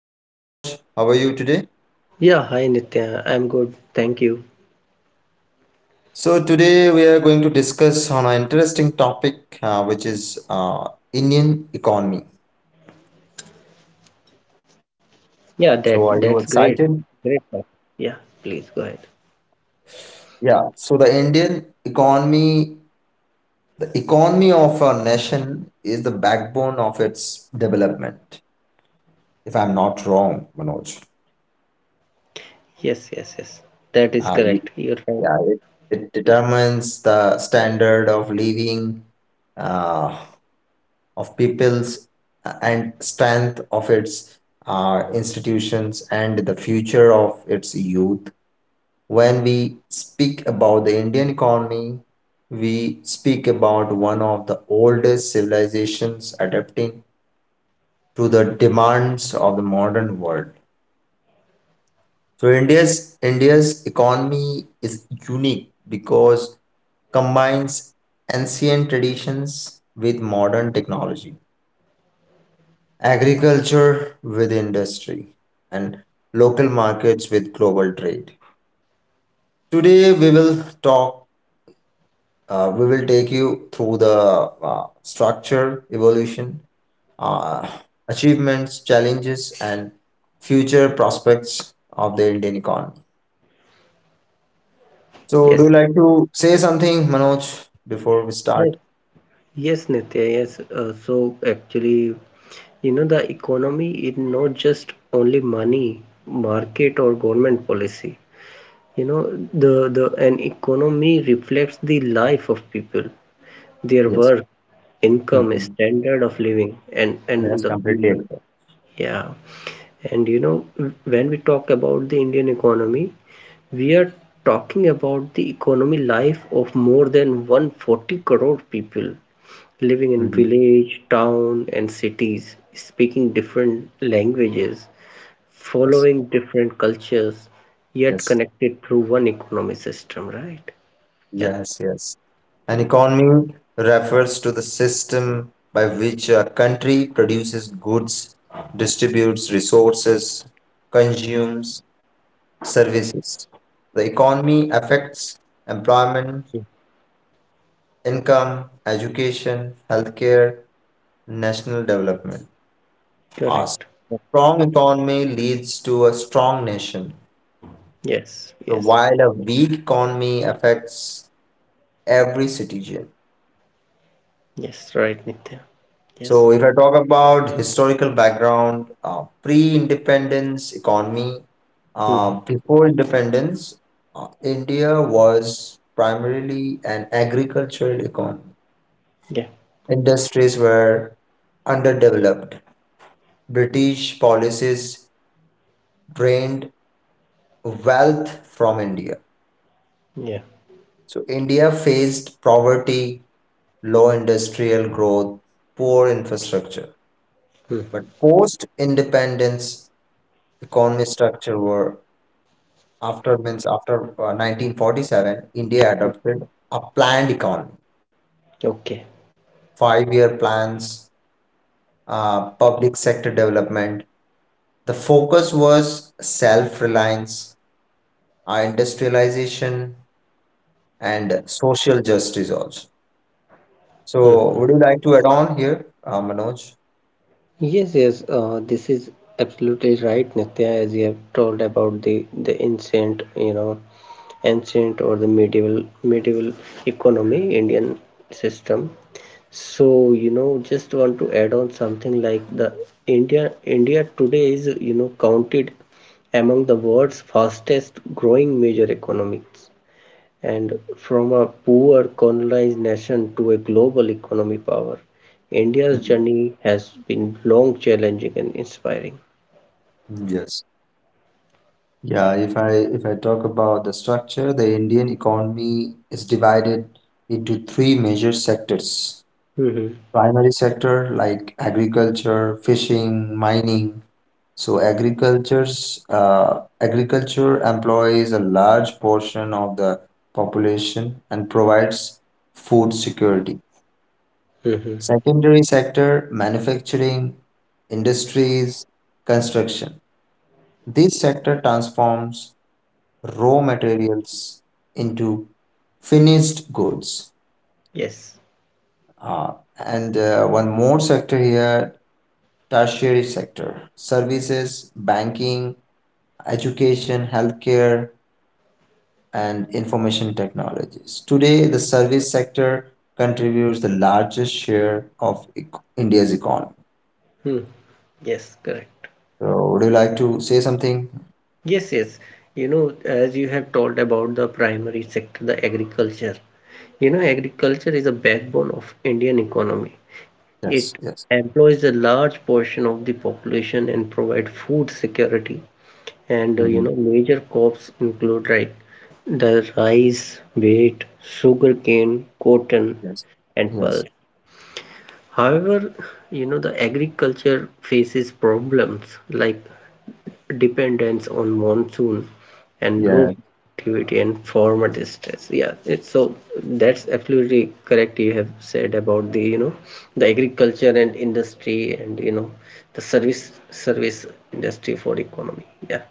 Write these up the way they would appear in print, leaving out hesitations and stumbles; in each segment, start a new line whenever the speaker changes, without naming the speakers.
Hi Manoj, how are you today?
Yeah, hi Nitya. I'm good. Thank you.
So today we are going to discuss on an interesting topic, which is Indian economy.
Yeah, that
So
that's
are you
great.
excited?
Great, sir. Yeah, please go ahead.
Yeah. So the Indian economy, the economy of our nation is the backbone of its development. If I'm not wrong, Manoj.
Yes, yes, yes. That is
Uh,
correct. You're right.
Yeah, it determines the standard of living uh, of peoples and strength of its institutions and the future of its youth. When we speak about the Indian economy, we speak about one of the oldest civilizations adapting to the demands of the modern world. So India's economy is unique because combines ancient traditions with modern technology, agriculture with industry, and local markets with global trade. Today we will talk. We will take you through the structure, evolution, uh, achievements, challenges, and future prospects of the Indian economy. So, do
Yes.
you like to say something, Manoj, before we
Yes.
start?
Yes, Nitya. Yes. So actually, the economy is not just only money, market or government policy. You know, the an economy reflects the life of people, their
Yes.
work, income,
Mm-mm.
standard of living, and
Yes,
the
completely.
future. Yeah. And when we talk about the Indian economy, we are talking about the economy life of more than 140 crore people living in
Mm-hmm.
village, town, and cities, speaking different languages,
Yes.
following different cultures, yet
Yes,
connected through one economy system, right? Yeah,
yes, yes. An economy refers to the system by which a country produces goods, distributes resources, consumes services. The economy affects employment, income, education, healthcare, national development.
correct.
Awesome. Strong economy leads to a strong nation.
Yes,
So
yes,
while a weak economy affects every citizen.
yes, right, Nitya. Yes.
So if I talk about historical background, pre-independence economy,
Hmm.
before independence, India was primarily an agricultural economy.
Yeah,
Industries were underdeveloped. British policies drained wealth from India.
yeah.
So India faced poverty, low industrial growth, poor infrastructure.
Hmm.
But post independence economy structure were after means after 1947, India adopted a planned economy,
Okay.
5-year plans, public sector development. The focus was self reliance, industrialization, and social justice also.
Hmm.
So, would you like to add on here, Manoj?
Yes, yes, this is absolutely right, Nitya, as you have told about the ancient, ancient or the medieval economy, Indian system. So, just want to add on something like the India today is, counted among the world's fastest growing major economies. And from a poor colonized nation to a global economy power, India's
Mhm.
journey has been long, challenging, and inspiring.
Yes. Yeah, if I talk about the structure, the Indian economy is divided into three major sectors.
Mm-hmm.
Primary sector like agriculture, fishing, mining. So agriculture employs a large portion of the population and provides food security.
Mm-hmm.
Secondary sector, manufacturing, industries, construction. This sector transforms raw materials into finished goods.
Yes.
And One more sector here, tertiary sector, services, banking, education, healthcare, and information technologies. Today, the service sector contributes the largest share of India's economy.
Hmm. Yes, correct.
So, would you like to say something?
Yes, yes. As you have told about the primary sector, the agriculture. Agriculture is a backbone of Indian economy.
Yes,
It
yes.
employs a large portion of the population and provide food security. And
Hmm.
major crops include like the rice, wheat, sugarcane, cotton,
Yes,
and
yes,
pulse. However, the agriculture faces problems like dependence on monsoon and low
yes.
productivity and farmer distress. Yeah, it's so that's absolutely correct. You have said about the you know the agriculture and industry, and the service industry for economy. Yeah.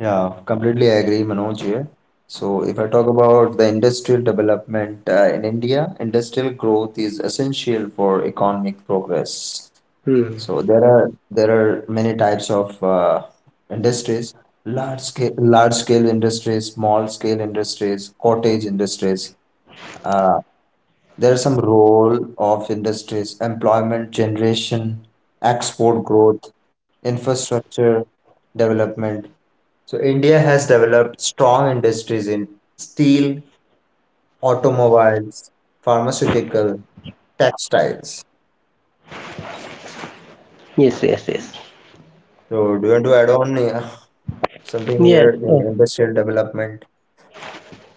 Yeah, completely agree, Manoj here. So if I talk about the industrial development in India, industrial growth is essential for economic progress.
Hmm.
So there are many types of industries, large scale industries, small scale industries, cottage industries. Uh, there are some role of industries, employment generation, export growth, infrastructure development. So India has developed strong industries in steel, automobiles, pharmaceutical, textiles.
Yes, yes, yes.
So do you want to add on something
yeah
here
uh,
in industrial development?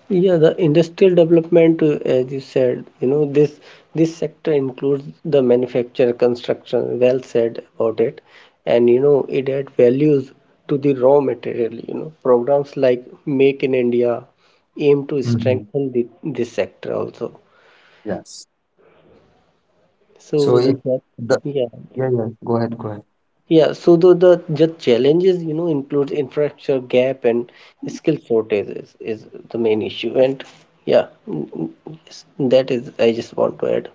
Yeah, the industrial development, as you said, this sector includes the manufacture, construction. Well said about it. And it adds values to the raw material. Programs like Make in India aim to
Hmm.
strengthen this sector also.
Yes. So
So the
if
third,
the
yeah.
Yeah, yeah. Go ahead, go ahead.
Yeah, so the challenges, includes infrastructure gap and skill shortage is the main issue. And yeah, yes, that is, I just want to add.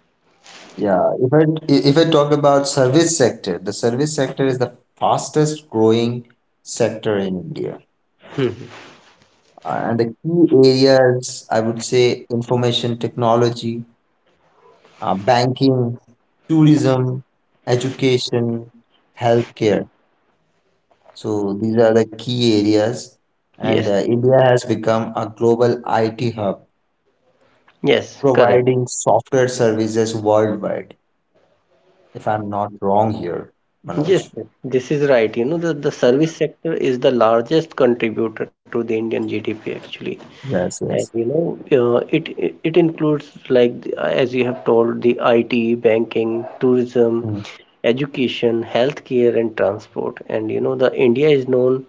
Yeah, if I talk about service sector, the service sector is the fastest growing sector in India. And the key areas I would say information technology, banking, tourism, education, healthcare. So these are the key areas, and
Yes,
India has become a global IT hub,
yes, correct.
providing software services worldwide. If I'm not wrong here,
Yes,
Manoj.
yes, this is right. The service sector is the largest contributor to the Indian GDP actually.
Yes,
And
yes.
it includes like as you have told the IT, banking, tourism,
Mm.
education, healthcare, and transport. And the India is known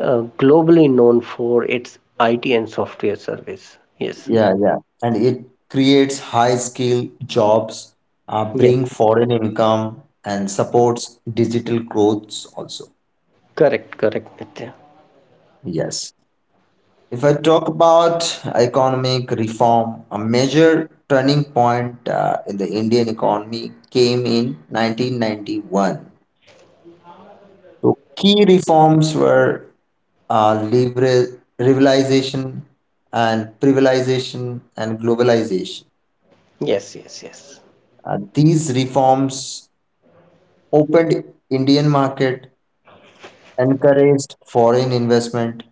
globally known for its IT and software service. Yes.
Yeah, yeah. And it creates high-skill jobs,
Yes.
bring foreign income, and supports digital growth also.
Correct. Correct, Nitya.
Yes. If I talk about economic reform, a major turning point in the Indian economy came in 1991. So key reforms were uh, libera- liberalization and privatization and globalization.
Yes. Yes. Yes.
These reforms opened Indian market, encouraged foreign investment,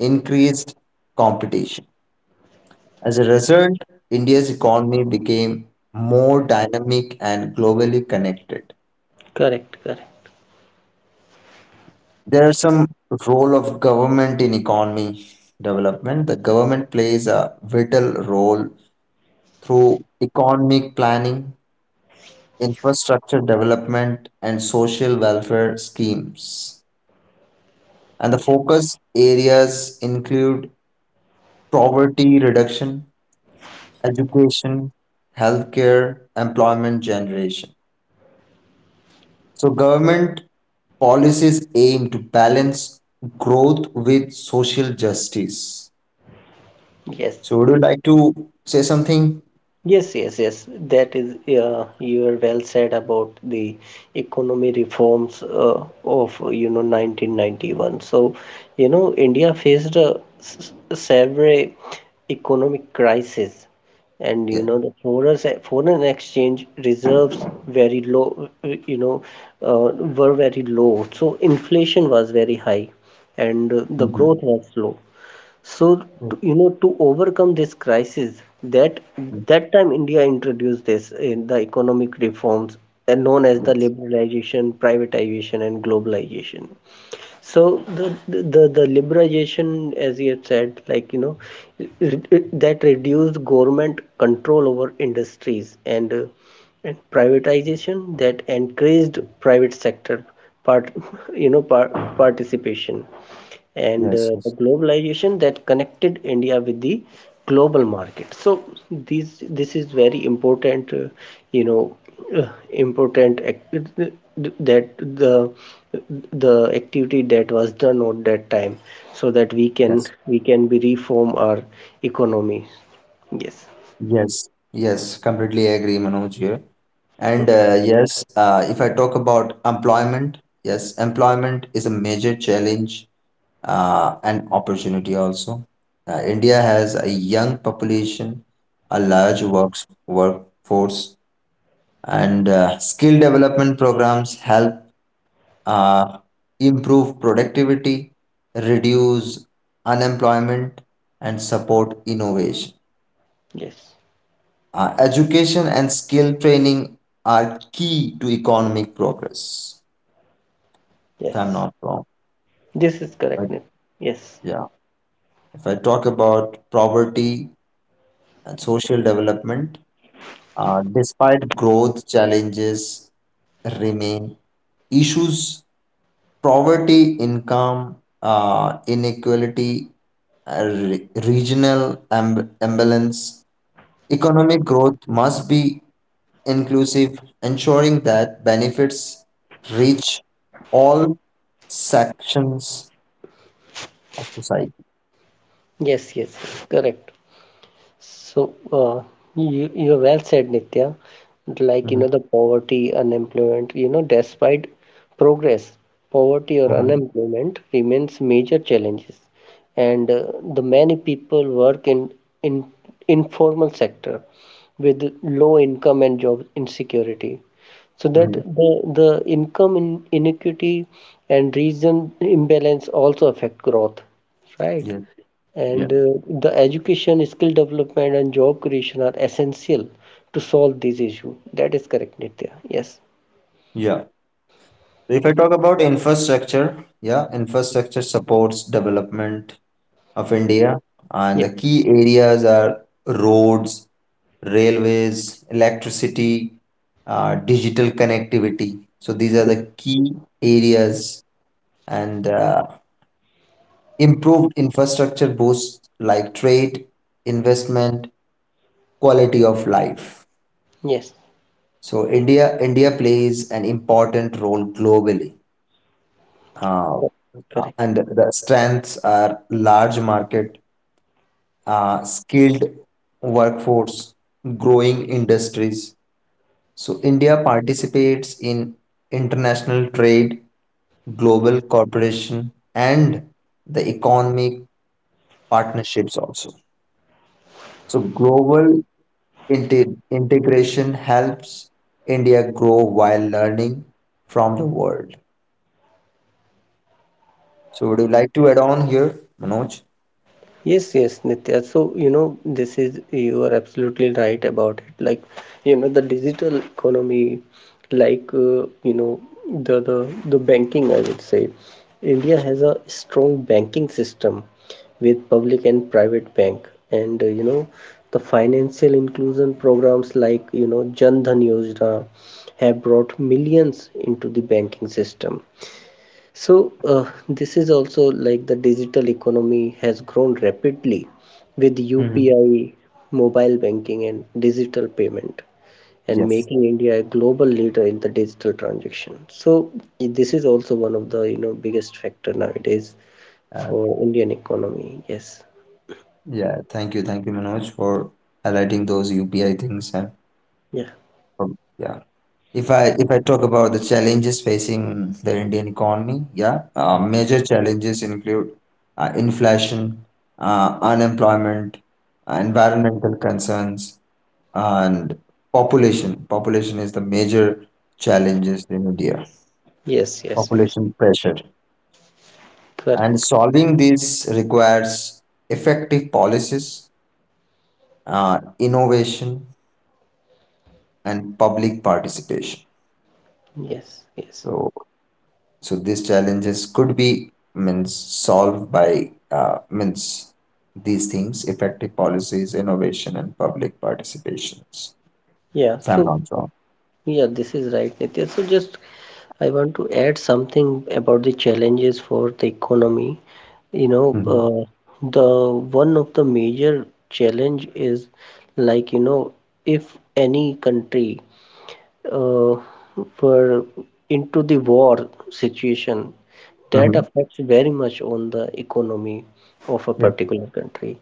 increased competition. As a result, India's economy became more dynamic and globally connected.
Correct. Correct.
There are some role of government in economy development. The government plays a vital role through economic planning, infrastructure development, and social welfare schemes. And the
Yes.
focus areas include poverty reduction, education, healthcare, employment generation. So government policies aim to balance growth with social justice.
Yes.
So would you like to say something?
Yes, yes, yes. That is, you are well said about the economy reforms of, 1991. So, India faced a severe economic crisis, and
Yeah.
the foreign exchange reserves very low, you know, uh, were very low. So inflation was very high, and the
Mhm.
growth was slow. So to to overcome this crisis, that
Mhm.
that time India introduced this in the economic reforms known as the
Yes.
liberalization, privatization, and globalization. So the liberalization, as you have said, like that reduced government control over industries and privatization that increased private sector part you know par participation and
Yes.
the
Yes.
globalization that connected India with the global market. So these this is very important, you know, important that the activity that was done at that time, so that we can
Yes.
we can be reform our economy. Yes,
Yes. Yes. Completely agree, Manoj here. If I talk about employment, yes, employment is a major challenge and opportunity also. India has a young population, a large works workforce, and skill development programs help uh, improve productivity, reduce unemployment, and support innovation.
yes,
Education and skill training are key to economic progress, if I'm
yes.
not wrong.
This is correct.
But
Nitin. Yes,
yeah, if I talk about poverty and social development, despite growth challenges remain, issues poverty, income inequality, regional imbalance. Economic growth must be inclusive, ensuring that benefits reach all sections of society.
yes, yes. Correct. So, you well said, Nitya. Like,
Mhm,
the poverty, unemployment, despite progress, poverty or
mhm,
unemployment remains major challenges. And the many people work in informal sector with low income and job insecurity. So that
mhm.
the income in inequity and region imbalance also affect growth, right?
Yes, yeah,
And the education, skill development, and job creation are essential to solve this issue. That is correct, Nitya. Yes.
yeah. If I talk about infrastructure, yeah, infrastructure supports development of India, and
Yes.
the key areas are roads, railways, electricity, digital connectivity. So these are
Mhm.
the key areas, and improved infrastructure boosts like trade, investment, quality of life.
Yes.
So India plays an important role globally, uh,
Cor- Correct.
and the strengths are large market, skilled workforce, growing industries. So India participates in international trade, global cooperation, and the economic partnerships also. So global integration helps India grow while learning from the world. So would you like to add on here, Manoj?
Yes, yes, Nitya. So, you are absolutely right about it. Like, the digital economy, like, the banking, I would say. India has a strong banking system with public and private bank. And the financial inclusion programs like Jan Dhan Yojana have brought millions into the banking system so, this is also like the digital economy has grown rapidly with
Hmm.
UPI, mobile banking, and digital payment, and
Yes.
making India a global leader in the digital transaction. So, this is also one of the biggest factor nowadays
Uh,
for Indian economy. Yes.
yeah. Thank you. Thank you, Manoj, for highlighting those UPI things and
Yeah.
for, yeah. If I talk about the challenges facing the Indian economy, yeah, major challenges include inflation, unemployment, environmental concerns, and population. Population is the major challenges in India.
Yes. Yes. Yes.
Population pressure,
Correct.
and solving this requires effective policies, innovation, and public participation.
Yes. Yes.
So So these challenges could be means solved by means these things effective policies, innovation, and public participations.
Yeah.
If I'm
So.
not wrong.
Yeah, this is right, Nitya. So just I want to add something about the challenges for the economy.
Hmm.
The one of the major challenge is like, if any country uh, for into the war situation that
Hmm.
affects very much on the economy of a
Yes.
particular country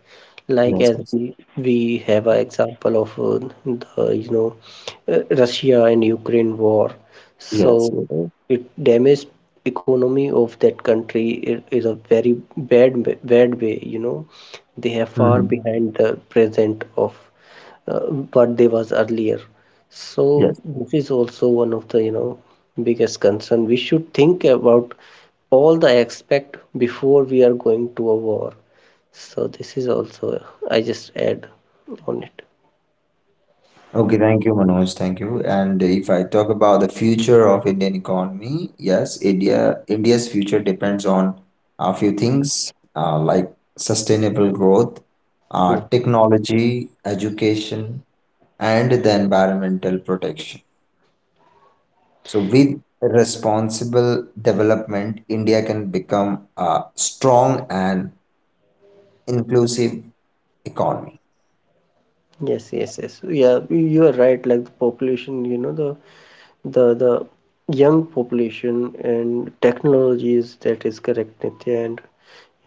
like
Yes.
as
Yes.
we have an example of the Russia and Ukraine war so
Yes. Yes.
it damaged economy of that country is a very bad bad way they are far
Hmm.
behind the present of uh, what they was earlier. So
Yes.
this is also one of the biggest concern. We should think about all the aspect before we are going to a war. So this is also I just add on it.
Okay. Thank you, Manoj. Thank you. And if I talk about the future of Indian economy, yes, India's future depends on a few things like sustainable growth,
Hmm.
technology, education, and the environmental protection. So, with responsible development, India can become a strong and inclusive economy.
Yes, yes, yes. Yeah, you are right. Like the population, the young population and technologies. That is correct, Nitya. And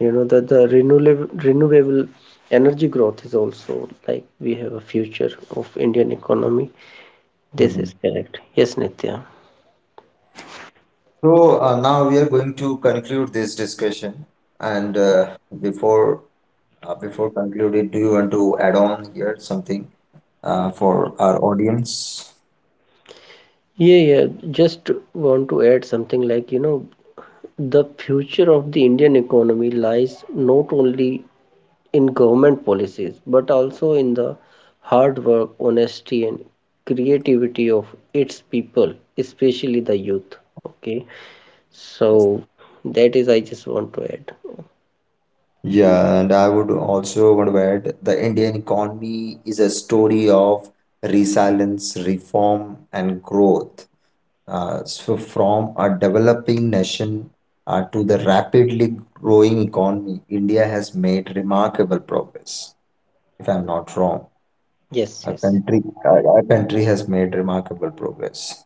you know that the renewable energy growth is also like we have a future of Indian economy. This is
Mhm.
correct. Yes, Nitya.
So, now we are going to conclude this discussion. And before concluding, do you want to add on here something for our audience?
Yeah, yeah. Just want to add something like, the future of the Indian economy lies not only in government policies, but also in the hard work, honesty, and creativity of its people, especially the youth. Okay. So that is I just want to add.
Yeah, and I would also want to add the Indian economy is a story of resilience, reform, and growth. So, from a developing nation to the rapidly growing economy, India has made remarkable progress. If I'm not wrong,
Yes,
our
yes.
country, our country has made remarkable progress.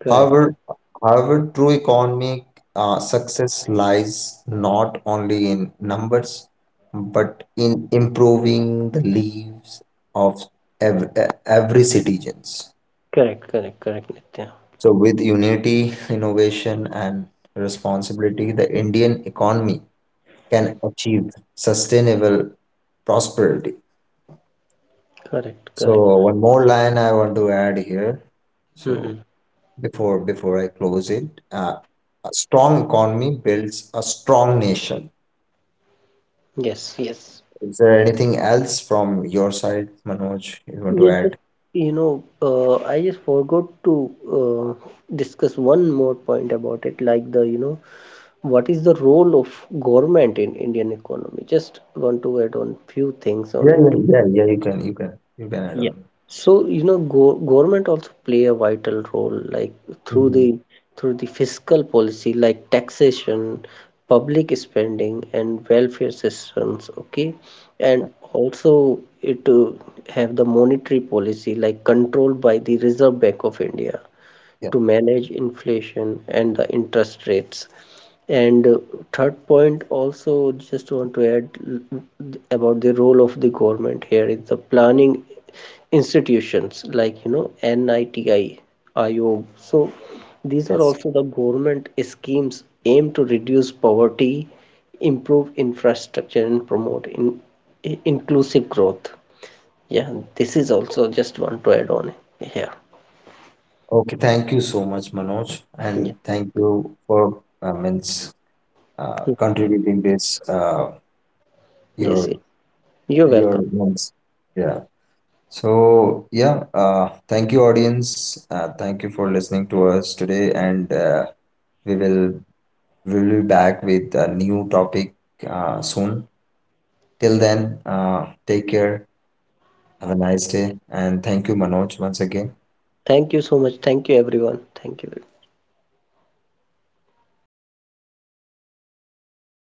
Correct.
However, However, true economic success lies not only in numbers, but in improving the lives of every citizens.
Correct, correct, correct, Nitya.
So, with unity, innovation, and responsibility, the Indian economy can achieve sustainable prosperity.
Correct,
So,
correct.
one more line I want to add here. So,
Mm-hmm.
before I close it, a strong economy builds a strong nation.
Yes, yes.
Is there anything else from your side, Manoj, you want to
Yeah,
add?
just I just forgot to uh, discuss one more point about it, like what is the role of government in Indian economy? Just want to add on few things on
Yeah,
it.
yeah, yeah, yeah, you can, you can add
Yeah.
on.
So, go government also play a vital role, like through
Mhm.
the through the fiscal policy, like taxation, public spending, and welfare systems. Okay, and also it have the monetary policy, like controlled by the Reserve Bank of India
Yeah,
to manage inflation and the interest rates. And third point, also just want to add about the role of the government here is the planning institutions like NITI, IO. So these are
yes.
also the government schemes aimed to reduce poverty, improve infrastructure, and promote inclusive growth. Yeah, this is also just want to add on here.
Okay, thank you so much, Manoj,
Yeah.
and thank you for means
Hmm.
contributing this
Yes,
your
yes. You're
your
welcome.
means. Yeah. So yeah, thank you, audience. Thank you for listening to us today, and we will we'll be back with a new topic soon. Till then, take care. Have a nice day. And thank you, Manoj, once again.
Thank you so much. Thank you, everyone. Thank you.